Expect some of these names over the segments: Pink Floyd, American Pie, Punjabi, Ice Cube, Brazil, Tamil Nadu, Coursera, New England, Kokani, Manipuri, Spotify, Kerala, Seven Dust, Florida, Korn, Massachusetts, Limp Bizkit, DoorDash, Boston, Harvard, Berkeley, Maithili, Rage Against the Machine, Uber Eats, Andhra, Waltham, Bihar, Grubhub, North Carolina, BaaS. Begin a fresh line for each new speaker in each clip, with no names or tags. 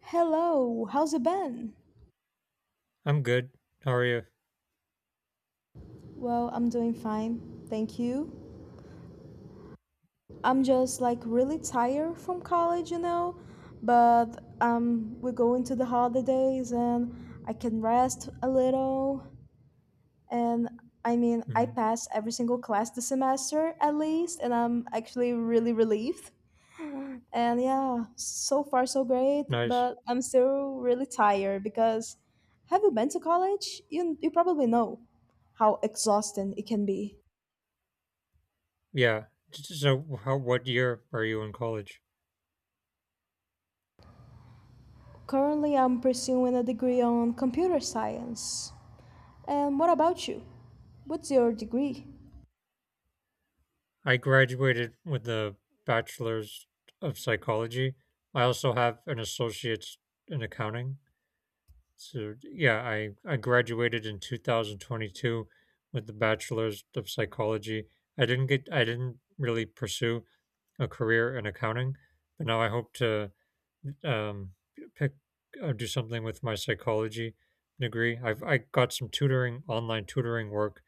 Hello, how's it been?
I'm good. How are you?
Well, I'm doing fine, thank you. I'm just like really tired from college, you know, but we're going to the holidays and I can rest a little. And I mean, I
Mhm.
passed every single class this semester at least, and I'm actually really relieved. And yeah, so far so great,
Nice.
but I'm still really tired because have you been to college? You probably know how exhausting it can be.
Yeah. So, how? What year are you in college?
Currently, I'm pursuing a degree on computer science. And what about you? What's your degree?
I graduated with a bachelor's of psychology. I also have an associate's in accounting. So, yeah, I graduated in 2022 with the bachelor's of psychology. I didn't get. I didn't really pursue a career in accounting, but now I hope to um, pick do something with my psychology degree. I got some tutoring, online tutoring work,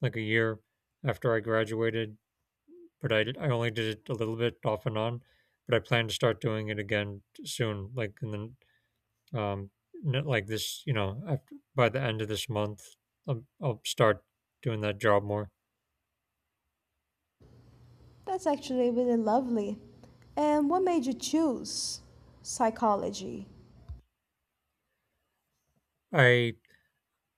like a year after I graduated, but I did, I only did it a little bit off and on. But I plan to start doing it again soon, like in the um, like this, you know, after, by the end of this month, I'll start doing that job more.
That's actually really lovely. And what made you choose psychology?
I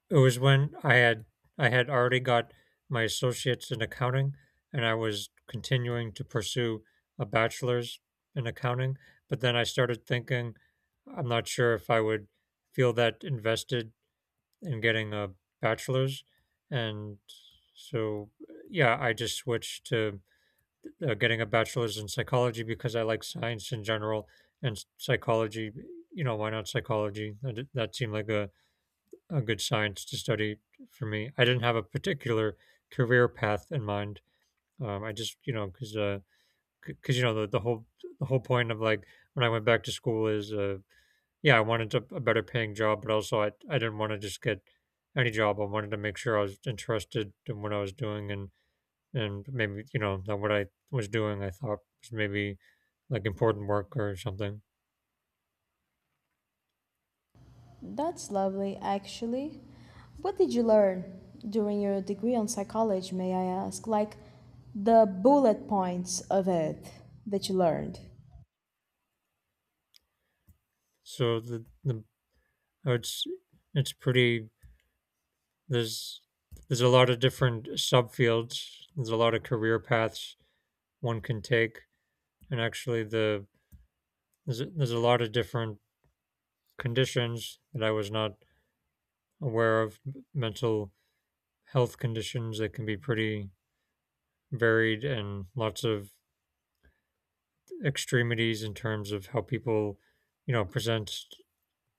It was when I had already got my associates in accounting and I was continuing to pursue a bachelor's in accounting, but then I started thinking I'm not sure if I would feel that invested in getting a bachelor's, and so, yeah, I just switched to getting a bachelor's in psychology because I like science in general and psychology, you know, why not psychology? That seemed like a good science to study for me. I didn't have a particular career path in mind. I just, you know, because you know the whole the whole point of like when I went back to school is, yeah, I wanted a better paying job, but also I didn't want to just get any job. I wanted to make sure I was interested in what I was doing, and maybe you know that what I was doing I thought was maybe like important work or something.
That's lovely, actually. What did you learn during your degree on psychology, may I ask? Like the bullet points of it that you learned.
So the it's it's pretty There's there's a lot of different subfields. There's a lot of career paths one can take, and actually there's a lot of different conditions that I was not aware of. Mental health conditions that can be pretty varied, and lots of extremities in terms of how people, you know, present,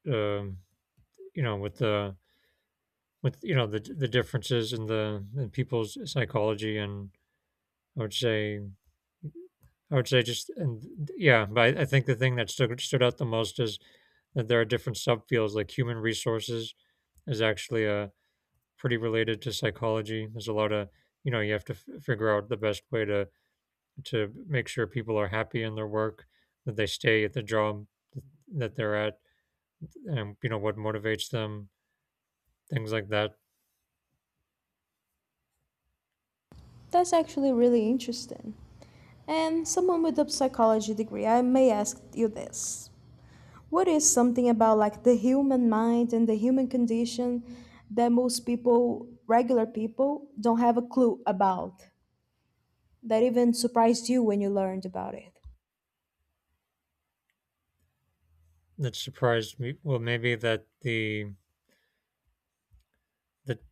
um, you know, with the with you know the differences in the in people's psychology. And I would say I would say just and yeah, but I think the thing that stood out the most is that there are different subfields. Like human resources is actually pretty related to psychology. There's a lot of you know you have to figure out the best way to make sure people are happy in their work, that they stay at the job that they're at, and you know what motivates them, things like that.
That's actually really interesting. And someone with a psychology degree, I may ask you this. What is something about like the human mind and the human condition that most people, regular people, don't have a clue about that even surprised you when you learned about it?
That surprised me. Well, maybe that the that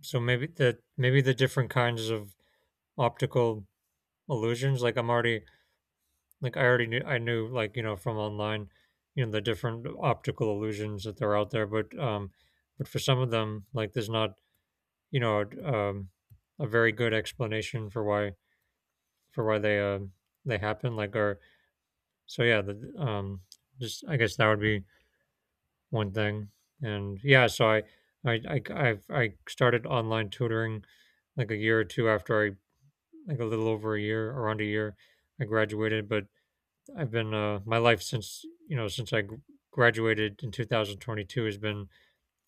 so maybe that maybe the different kinds of optical illusions. Like I already knew I knew like, you know, from online, you know, the different optical illusions that they're out there, but for some of them, like there's not, you know, a very good explanation for why they happen like or so yeah, the just I guess that would be one thing. And yeah, so I I I started online tutoring like a year or two after I like a little over a year, around a year I graduated, but I've been my life since you know since I graduated in 2022 has been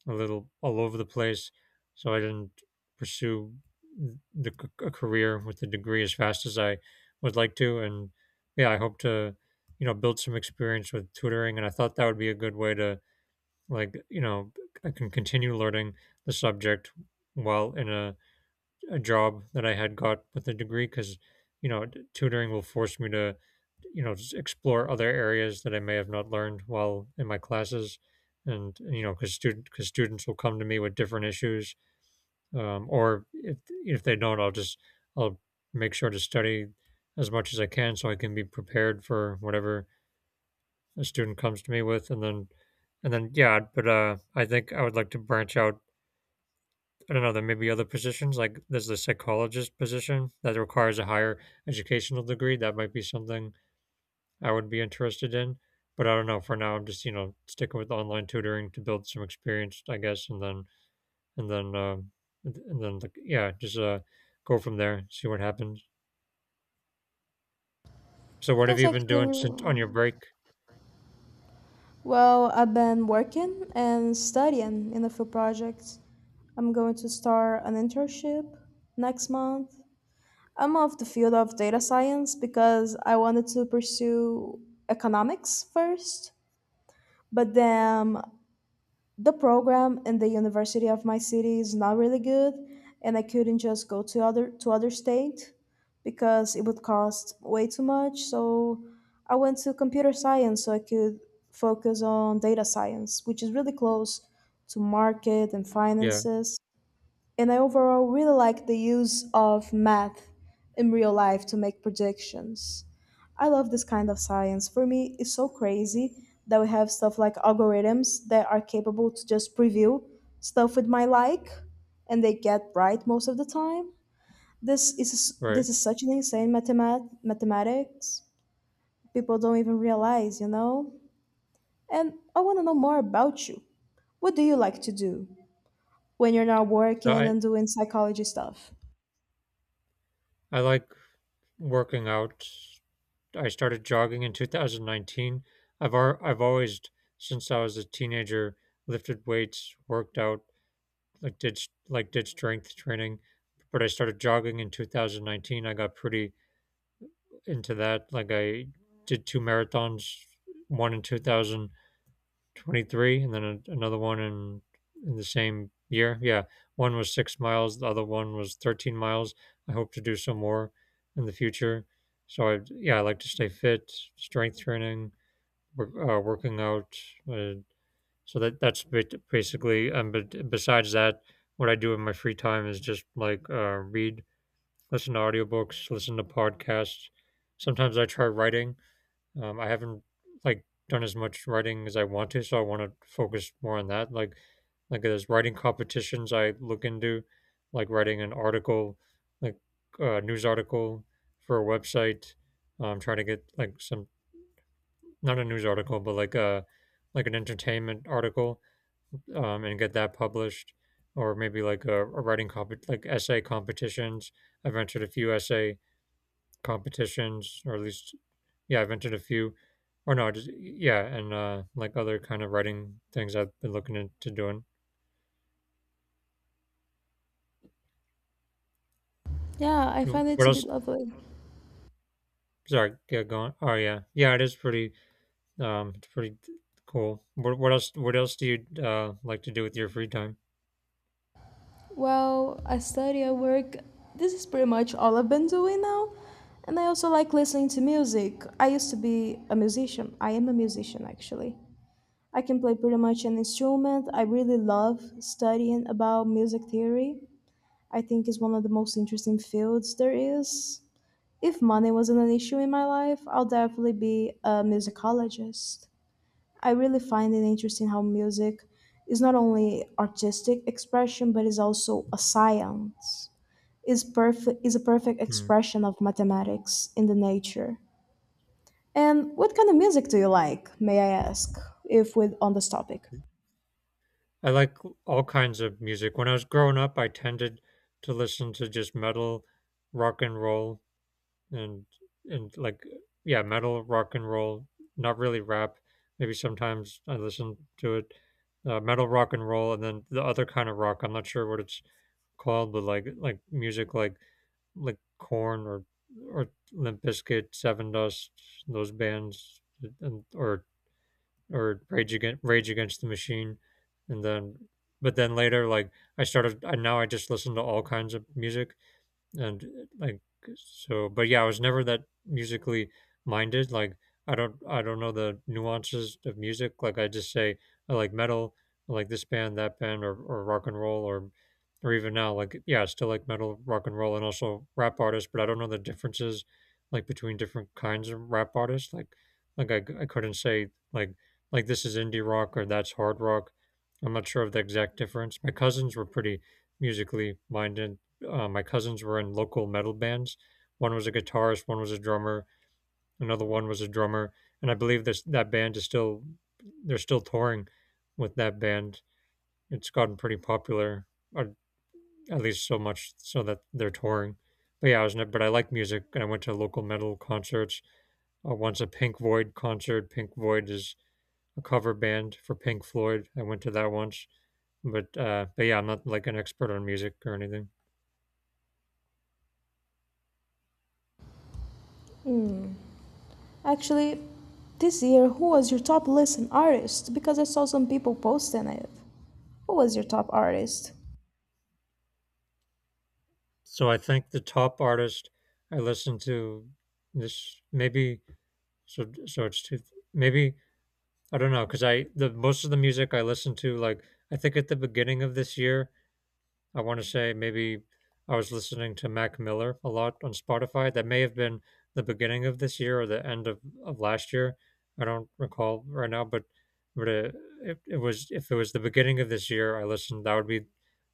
a little all over the place. So I didn't pursue a career with the degree as fast as I would like to, and yeah, I hope to you know build some experience with tutoring, and I thought that would be a good way to like you know I can continue learning the subject while in a job that I had got with a degree because, you know, tutoring will force me to, you know, just explore other areas that I may have not learned while in my classes. And, you know, because because students will come to me with different issues. Or if they don't, I'll make sure to study as much as I can so I can be prepared for whatever a student comes to me with. And then, yeah, but I think I would like to branch out. I don't know, there may be other positions like there's the psychologist position that requires a higher educational degree. That might be something I would be interested in. But I don't know. For now, I'm just you know sticking with online tutoring to build some experience, I guess, and then and then um, like, yeah, just go from there, see what happens. So what have
That's
you been
actually,
doing since on your break?
well, I've been working and studying in a few projects. I'm going to start an internship next month. I'm off the field of data science because I wanted to pursue economics first, but then the program in the university of my city is not really good and I couldn't just go to other state because it would cost way too much, so I went to computer science so I could focus on data science, which is really close to market and
Yeah,
finances, and I overall really like the use of math in real life to make predictions. I love this kind of science. For me, it's so crazy that we have stuff like algorithms that are capable to just preview stuff with my like and they get right most of the time. This is
right.
this is such an insane mathematics. People don't even realize, you know? And I want to know more about you. What do you like to do when you're not
So
working and doing psychology stuff?
I like working out. I started jogging in 2019. I've always since I was a teenager lifted weights, worked out, like like did strength training, but I started jogging in 2019. I got pretty into that. Like I did two marathons, one in 2000 23 and then another one in the same year. Yeah, one was 6 miles, the other one was 13 miles. I hope to do some more in the future. So I, yeah, I like to stay fit, strength training, working out, uh, so that that's basically but besides that what I do in my free time is just like read, listen to audiobooks, listen to podcasts. Sometimes I try writing. I haven't like done as much writing as I want to, so I want to focus more on that. Like there's writing competitions I look into, like writing an article, like a news article for a website. Trying to get like some not a news article, but like a like an entertainment article, and get that published, or maybe like a writing comp like essay competitions. I've entered a few essay competitions, or at least yeah, I've entered a few or no just yeah. And like other kind of writing things I've been looking into doing.
Yeah, I
W-
find it
what
to be
else
lovely.
sorry yeah going oh yeah yeah it is pretty it's pretty cool. What else what else do you like to do with your free time?
Well, I study, I work. This is pretty much all I've been doing now. And I also like listening to music. I used to be a musician. I am a musician, actually. I can play pretty much an instrument. I really love studying about music theory. I think it's one of the most interesting fields there is. If money wasn't an issue in my life, I'll definitely be a musicologist. I really find it interesting how music is not only artistic expression but is also a science. Is a perfect
Hmm.
expression of mathematics in the nature. And what kind of music do you like, may I ask, if we're on this topic?
I like all kinds of music. When I was growing up, I tended to listen to just metal, rock and roll, and and like yeah, metal, rock and roll, not really rap. Maybe sometimes I listen to it. Metal, rock and roll and then the other kind of rock. I'm not sure what it's called, but like music like Corn or Limp Bizkit, Seven Dust, those bands and or Rage Against the Machine, and then but then later like I started and now I just listen to all kinds of music, and like so but yeah I was never that musically minded. Like I don't know the nuances of music. Like I just say I like metal, I like this band, that band, or rock and roll or even now like yeah I still like metal, rock and roll, and also rap artists. But I don't know the differences like between different kinds of rap artists. Like I couldn't say like this is indie rock or that's hard rock. I'm not sure of the exact difference. My cousins were pretty musically minded. My cousins were in local metal bands. One was a guitarist, one was a drummer, another one was a drummer, and I believe this that band is still they're still touring with that band. It's gotten pretty popular, or at least so much so that they're touring. But yeah, I was never, but I like music, and I went to local metal concerts. Once a Pink Floyd concert. Pink Floyd is a cover band for Pink Floyd. I went to that once, but yeah, I'm not like an expert on music or anything.
Actually, this year, who was your top listen artist? Because I saw some people posting it. Who was your top artist?
So I think the top artist I listen to this maybe so so it's two maybe I don't know because I the most of the music I listen to like I think at the beginning of this year I want to say maybe I was listening to Mac Miller a lot on Spotify. That may have been the beginning of this year or the end of last year. I don't recall right now, but it was if it was the beginning of this year, I listened. That would be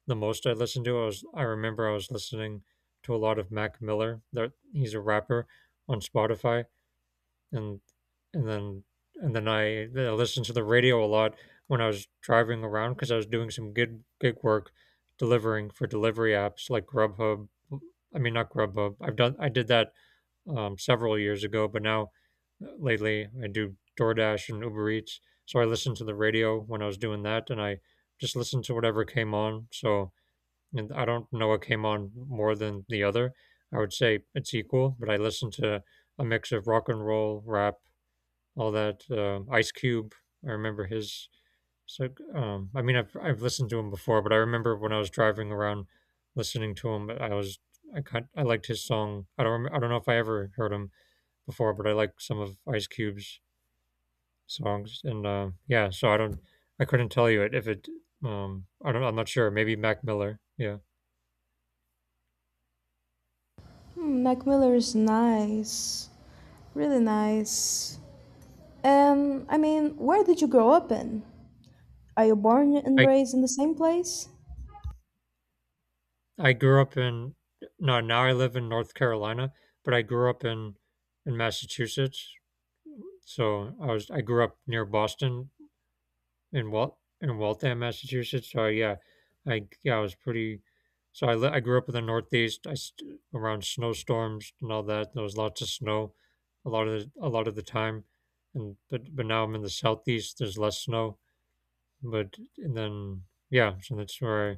the most I listened to. I remember I was listening to a lot of Mac Miller. That he's a rapper on Spotify and and then and then I listened to the radio a lot when I was driving around because I was doing some good gig work delivering for delivery apps like Grubhub. I mean, not Grubhub. I did that several years ago, but now lately I do DoorDash and Uber Eats. So I listened to the radio when I was doing that, and I just listened to whatever came on. So and I don't know what came on more than the other. I would say it's equal, but I listened to a mix of rock and roll, rap, all that. Ice Cube, I remember his. So, I mean, I've listened to him before, but I remember when I was driving around listening to him, I liked his song. I don't know if I ever heard him before, but I like some of Ice Cube's songs, and yeah, so I couldn't tell you it if it, I'm not sure, maybe Mac Miller, yeah.
Hmm, Mac Miller is nice. Really nice. And I mean, where did you grow up in? Are you born and
I
raised in the same place?
I grew up in, no, now I live in North Carolina, but I grew up in Massachusetts. I grew up near Boston, in Waltham, Massachusetts. So yeah I was pretty. So I grew up in the Northeast. Around snowstorms and all that. There was lots of snow, a lot of the time, and but now I'm in the Southeast. There's less snow, but and then yeah, so that's where. I,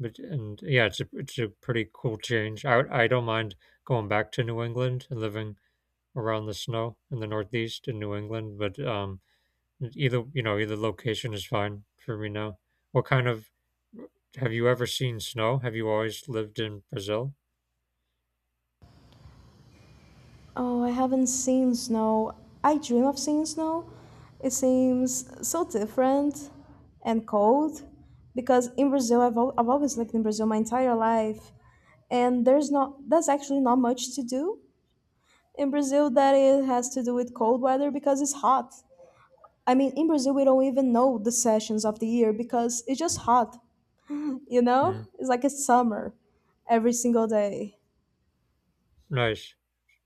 but and yeah, it's a pretty cool change. I don't mind going back to New England and living around the snow in the Northeast in New England, but either you know, either location is fine for me now. What kind of, have you ever seen snow? Have you always lived in Brazil?
Oh, I haven't seen snow. I dream of seeing snow. It seems so different and cold because in Brazil, I've always lived in Brazil my entire life, and there's not, that's actually not much to do in Brazil that it has to do with cold weather because it's hot. I mean, in Brazil, we don't even know the sessions of the year because it's just hot, you know?
Mm,
It's like it's summer every single day.
nice.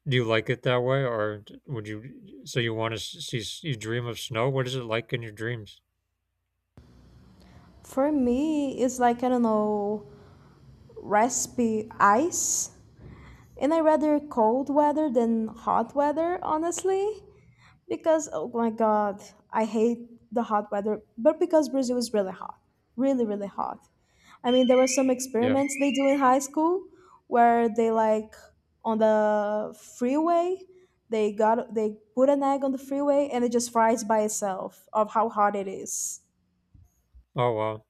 Do you like it that way, would you? So you want to see? You dream of snow. What is it like in your dreams?
For me, it's like, I don't know, recipe ice. And I rather cold weather than hot weather, honestly. Because, oh my God, I hate the hot weather. But because Brazil is really hot, really, really hot. I mean, there were some
Yeah.
experiments they do in high school where they, like, on the freeway, they put an egg on the freeway and it just fries by itself of how hot it is.
Oh wow.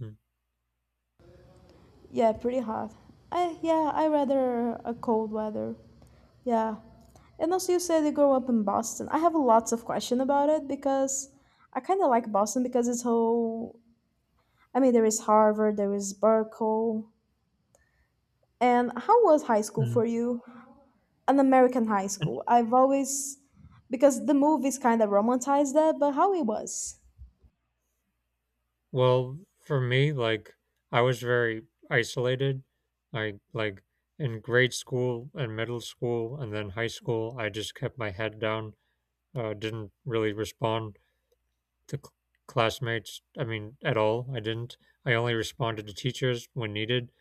Mm,
Yeah, pretty hot. I yeah, I rather a cold weather. Yeah. And also you said you grew up in Boston. I have lots of question about it because I kind of like Boston because it's whole, I mean, there is Harvard, there is Berkeley. And how was high school
mm.
for you? An American high
And-
school. I've always because the movies kind of romanticize that, but how it was?
Well, for me, like, I was very isolated. I like, in grade school and middle school, and then high school, I just kept my head down. Didn't really respond. The cl- Classmates, I mean, at all. I didn't. I only responded to teachers when needed,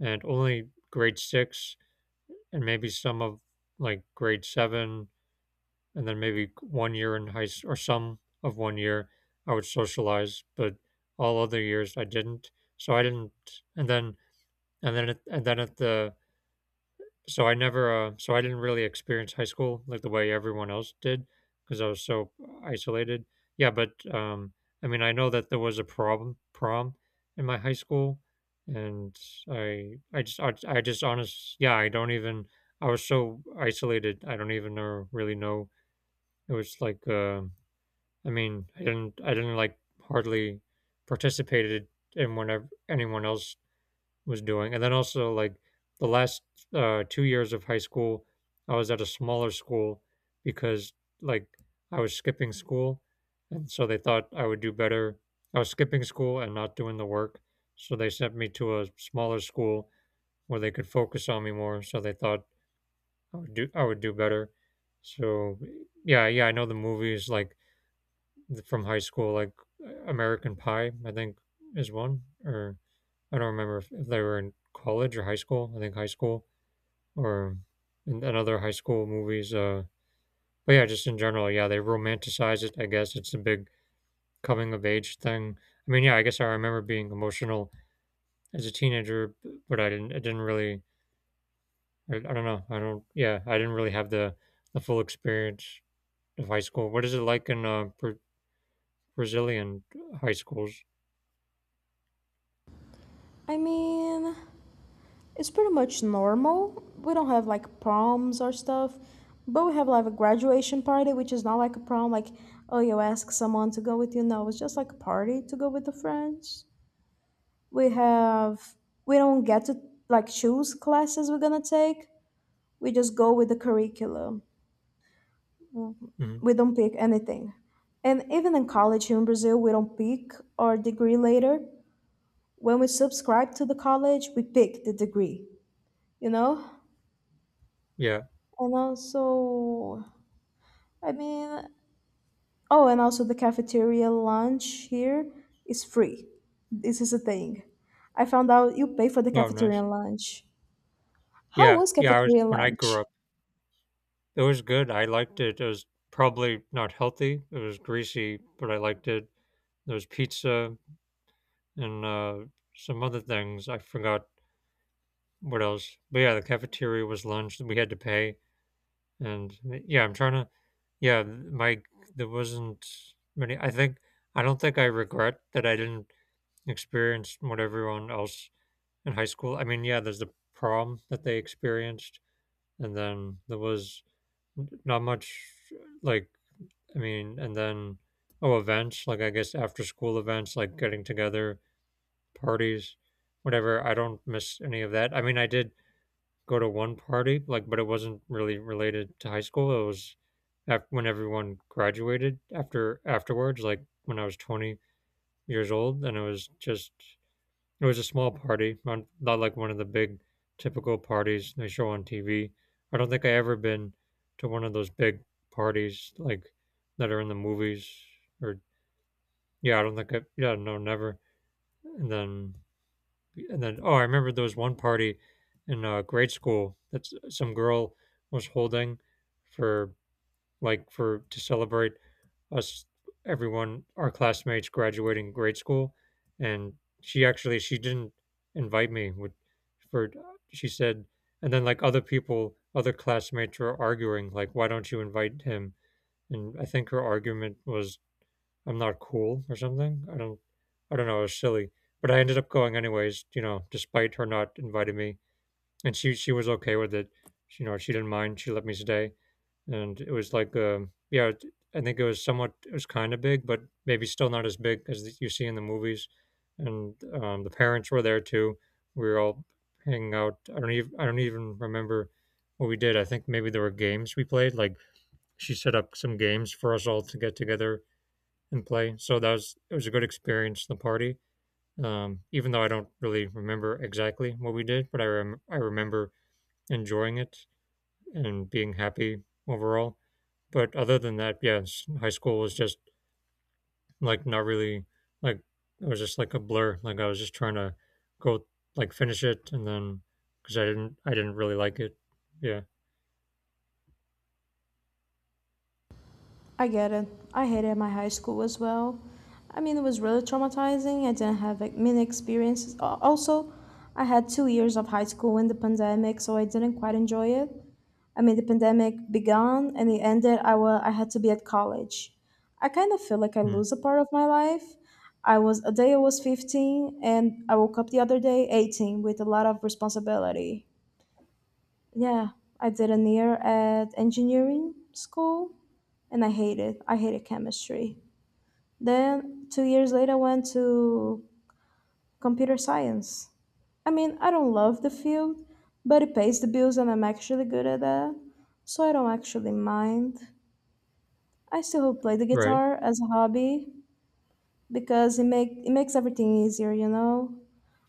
and only grade six and maybe some of like grade seven, and then maybe 1 year in high school or some of 1 year I would socialize, but all other years I didn't. So I didn't. And then, and then at the so I never, I didn't really experience high school like the way everyone else did because I was so isolated. Yeah, but I mean, I know that there was a problem prom in my high school, and yeah, I don't even. I was so isolated. I don't even know, really know. It was like, I mean, I didn't like hardly participated in whenever anyone else was doing. And then also like the last 2 years of high school, I was at a smaller school because, like, I was skipping school, and so they thought I would do better. I was skipping school and not doing the work, so they sent me to a smaller school where they could focus on me more. So they thought I would do better. So yeah, yeah, I know the movies like from high school, like American Pie, I think is one, or I don't remember if they were in college or high school. I think high school, or in another high school movies. But yeah, just in general, yeah, they romanticize it. I guess it's a big coming of age thing. I mean, yeah, I guess I remember being emotional as a teenager, but I didn't. I didn't really. I don't know. I don't. Yeah, I didn't really have the full experience of high school. What is it like in Brazilian high schools?
I mean, it's pretty much normal. We don't have like proms or stuff, but we have like a graduation party, which is not like a prom, like, oh, you ask someone to go with you. No, it's just like a party to go with the friends. We have, we don't get to like choose classes we're gonna take. We just go with the curriculum.
Hmm.
We don't pick anything. And even in college here in Brazil, we don't pick our degree later. When we subscribe to the college, we pick the degree, you know?
Yeah.
And also, I mean, oh, and also the cafeteria lunch here is free. This is a thing. I found out you pay for the
Oh, nice.
cafeteria lunch. How
Yeah.
was
Yeah. I was
cafeteria
when I grew
lunch?
up. It was good. I liked it. It was probably not healthy. It was greasy, but I liked it. There was pizza and some other things. I forgot what else. But yeah, the cafeteria was lunch. We had to pay, and yeah, I'm trying to. Yeah, my there wasn't many. I think I don't think I regret that I didn't experience what everyone else in high school. I mean, yeah, there's the prom that they experienced, and then there was not much like, I mean, and then, oh, events, like I guess after school events, like getting together, parties, whatever. I don't miss any of that. I mean, I did go to one party, like, but it wasn't really related to high school. It was when everyone graduated after afterwards, like when I was 20 years old, and it was just it was a small party, not like one of the big typical parties they show on TV. I don't think I ever been to one of those big parties like that are in the movies, or yeah, I don't think I yeah, no, never. And then and then oh, I remember there was one party in grade school that some girl was holding for, like, for to celebrate us, everyone, our classmates graduating grade school. And she actually, she didn't invite me with, for, she said. And then, like, other people, other classmates were arguing, like, why don't you invite him? And I think her argument was I'm not cool or something. I don't know, it was silly. But I ended up going anyways, you know, despite her not inviting me. And she was okay with it, you know, she didn't mind, she let me stay. And it was like, yeah, I think it was somewhat, it was kind of big, but maybe still not as big as you see in the movies. And the parents were there too. We were all hanging out. I don't even remember what we did. I think maybe there were games we played, like she set up some games for us all to get together and play. So that was, it was a good experience, the party. Even though I don't really remember exactly what we did, I remember enjoying it and being happy overall. But other than that, yeah, high school was just like not really like, it was just like a blur. Like I was just trying to go, like, finish it. And then because I didn't really like it. Yeah.
I get it. I hated my high school as well. I mean, it was really traumatizing. I didn't have like, many experiences. Also, I had 2 years of high school in the pandemic, so I didn't quite enjoy it. I mean, the pandemic began and it ended. I had to be at college. I kind of feel like I
Mm.
lose a part of my life. I was a day I was 15 and I woke up the other day 18 with a lot of responsibility. Yeah, I did an year at engineering school and I hated chemistry. Then 2 years later I went to computer science. I mean, I don't love the field, but it pays the bills and I'm actually good at that. So I don't actually mind. I still play the
Right.
guitar as a hobby because it makes everything easier, you know?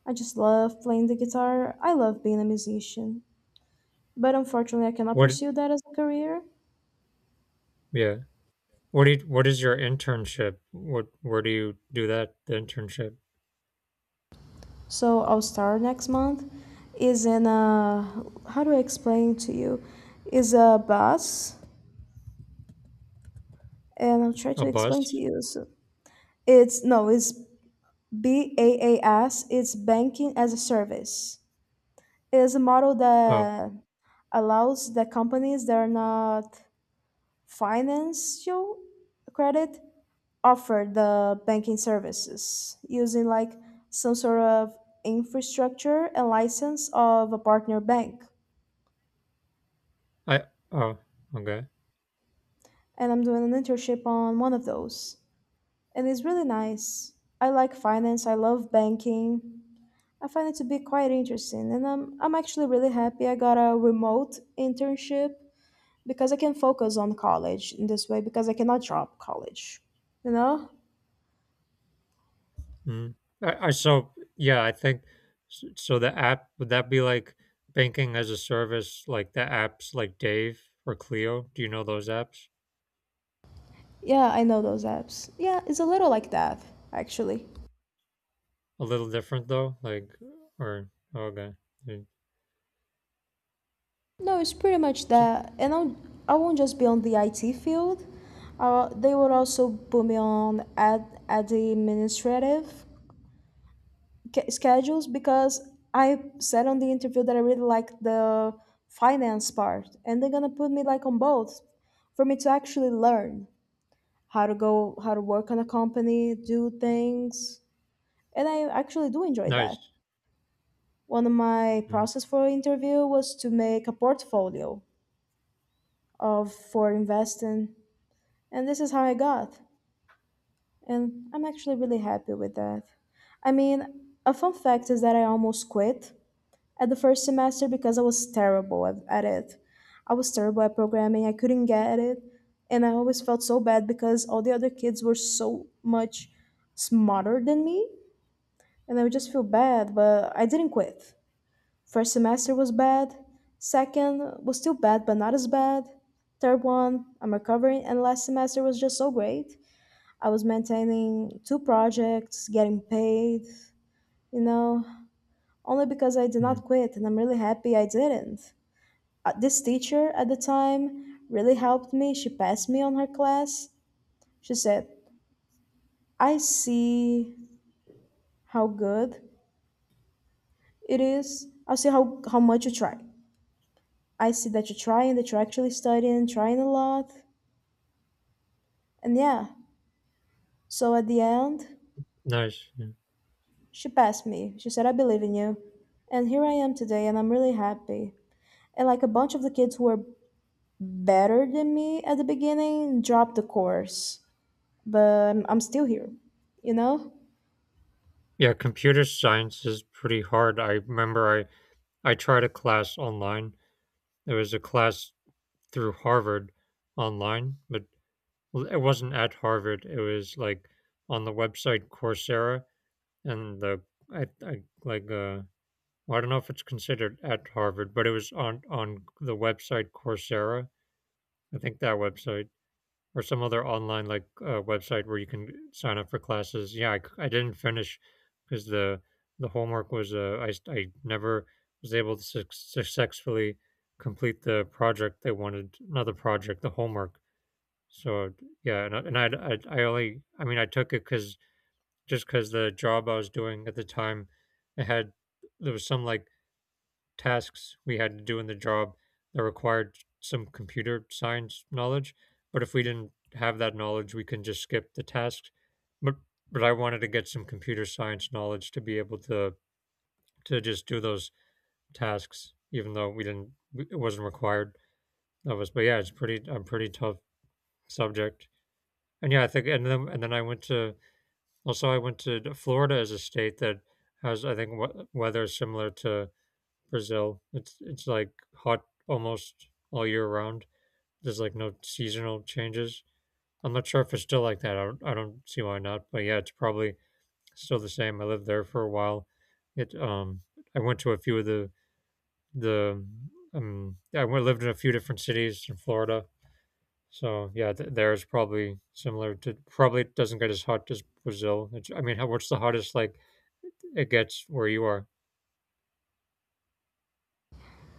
I just love playing the guitar. I love being a musician. But unfortunately, I cannot
What?
pursue that as a career.
Yeah. What do you, what is your internship? What? Where do you do that? The internship?
So I'll start next month. Is in a, how do I explain to you? Is a bus, and I'll try
A
to explain to
bus?
you. So it's no, it's BAAS. It's banking as a service. It is a model
Oh,
that allows the companies that are not financial credit offer the banking services using like some sort of infrastructure and license of a partner bank.
I. Oh, okay.
And I'm doing an internship on one of those. And it's really nice. I like finance, I love banking. I find it to be quite interesting, and I'm actually really happy I got a remote internship because I can focus on college in this way because I cannot drop college. You know?
Mm. I so yeah, I think so, the app, would that be like banking as a service, like the apps like Dave or Clio? Do you know those apps?
Yeah, I know those apps. Yeah, it's a little like that, actually.
A little different though, like, or okay. Mm,
No, it's pretty much
so,
that. And I'll, I won't just be on the IT field. They will also put me on ad, administrative schedules because I said on the interview that I really like the finance part, and they're gonna put me like on both for me to actually learn how to go, how to work on a company, do things, and I actually do enjoy that.
nice,
One of my
mm,
process for interview was to make a portfolio of for investing, and this is how I got, and I'm actually really happy with that. I mean, a fun fact is that I almost quit at the first semester because I was terrible at it. I was terrible at programming. I couldn't get it. And I always felt so bad because all the other kids were so much smarter than me. And I would just feel bad, but I didn't quit. First semester was bad. Second was still bad, but not as bad. Third one, I'm recovering. And last semester was just so great. I was maintaining two projects, getting paid, you know, only because I did
mm,
not quit. And I'm really happy I didn't. This teacher at the time really helped me. She passed me on her class. She said, I see how good it is. I see how much you try. I see that you're trying, that you're actually studying and trying a lot. And yeah, so at the end,
nice. Yeah.
she passed me. She said, I believe in you. And here I am today, and I'm really happy. And like a bunch of the kids who were better than me at the beginning dropped the course, but I'm still here, you know?
Yeah, computer science is pretty hard. I remember I tried a class online. There was a class through Harvard online, but well, it wasn't at Harvard. It was like on the website Coursera. And the I like well, I don't know if it's considered at Harvard, but it was on the website Coursera. I think that website, or some other online, like, website where you can sign up for classes. Yeah, I didn't finish because the homework was, I never was able to successfully complete the project they wanted. Not the project, the homework. So yeah, and I mean I took it because just because the job I was doing at the time, it had there was some like tasks we had to do in the job that required some computer science knowledge. But if we didn't have that knowledge, we can just skip the tasks. But but I wanted to get some computer science knowledge to be able to just do those tasks, even though we didn't, it wasn't required of us. But yeah, it's pretty a pretty tough subject. And yeah, I think and then I went to, also, I went to Florida as a state that has, I think, weather similar to Brazil. It's like hot almost all year round. There's like no seasonal changes. I'm not sure if it's still like that. I don't see why not. But yeah, it's probably still the same. I lived there for a while. It I went to a few of the the I went, lived in a few different cities in Florida, so yeah, there's probably similar to, probably doesn't get as hot as Brazil. It's, I mean, how, what's the hottest like it gets where you are?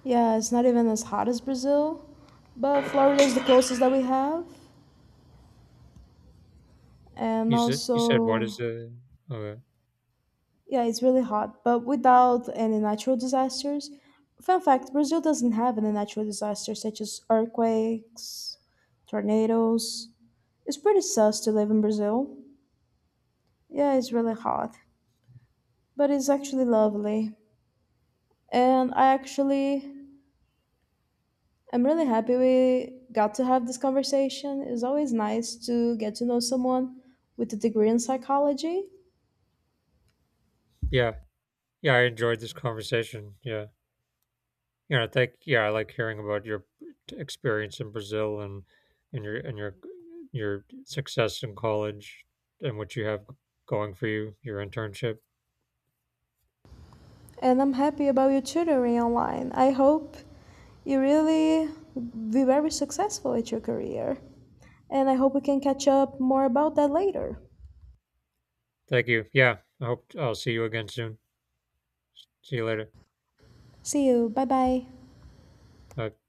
Yeah, it's not even as hot as Brazil, but Florida is the closest that we have. And
You said what is
also,
the okay.
yeah, it's really hot, but without any natural disasters. Fun fact, Brazil doesn't have any natural disasters such as earthquakes, tornadoes. It's pretty sus to live in Brazil. Yeah, it's really hot, but it's actually lovely. And I actually, I'm really happy we got to have this conversation. It's always nice to get to know someone with a degree in psychology.
Yeah, yeah, yeah, I enjoyed this conversation. Yeah, you know, thank, yeah, I like hearing about your experience in Brazil and and your and your your success in college and what you have going for you, your internship.
And I'm happy about your tutoring online. I hope you really be very successful at your career. And I hope we can catch up more about that later.
Thank you. Yeah, I hope I'll see you again soon. See you later.
See you. Bye bye.
Bye.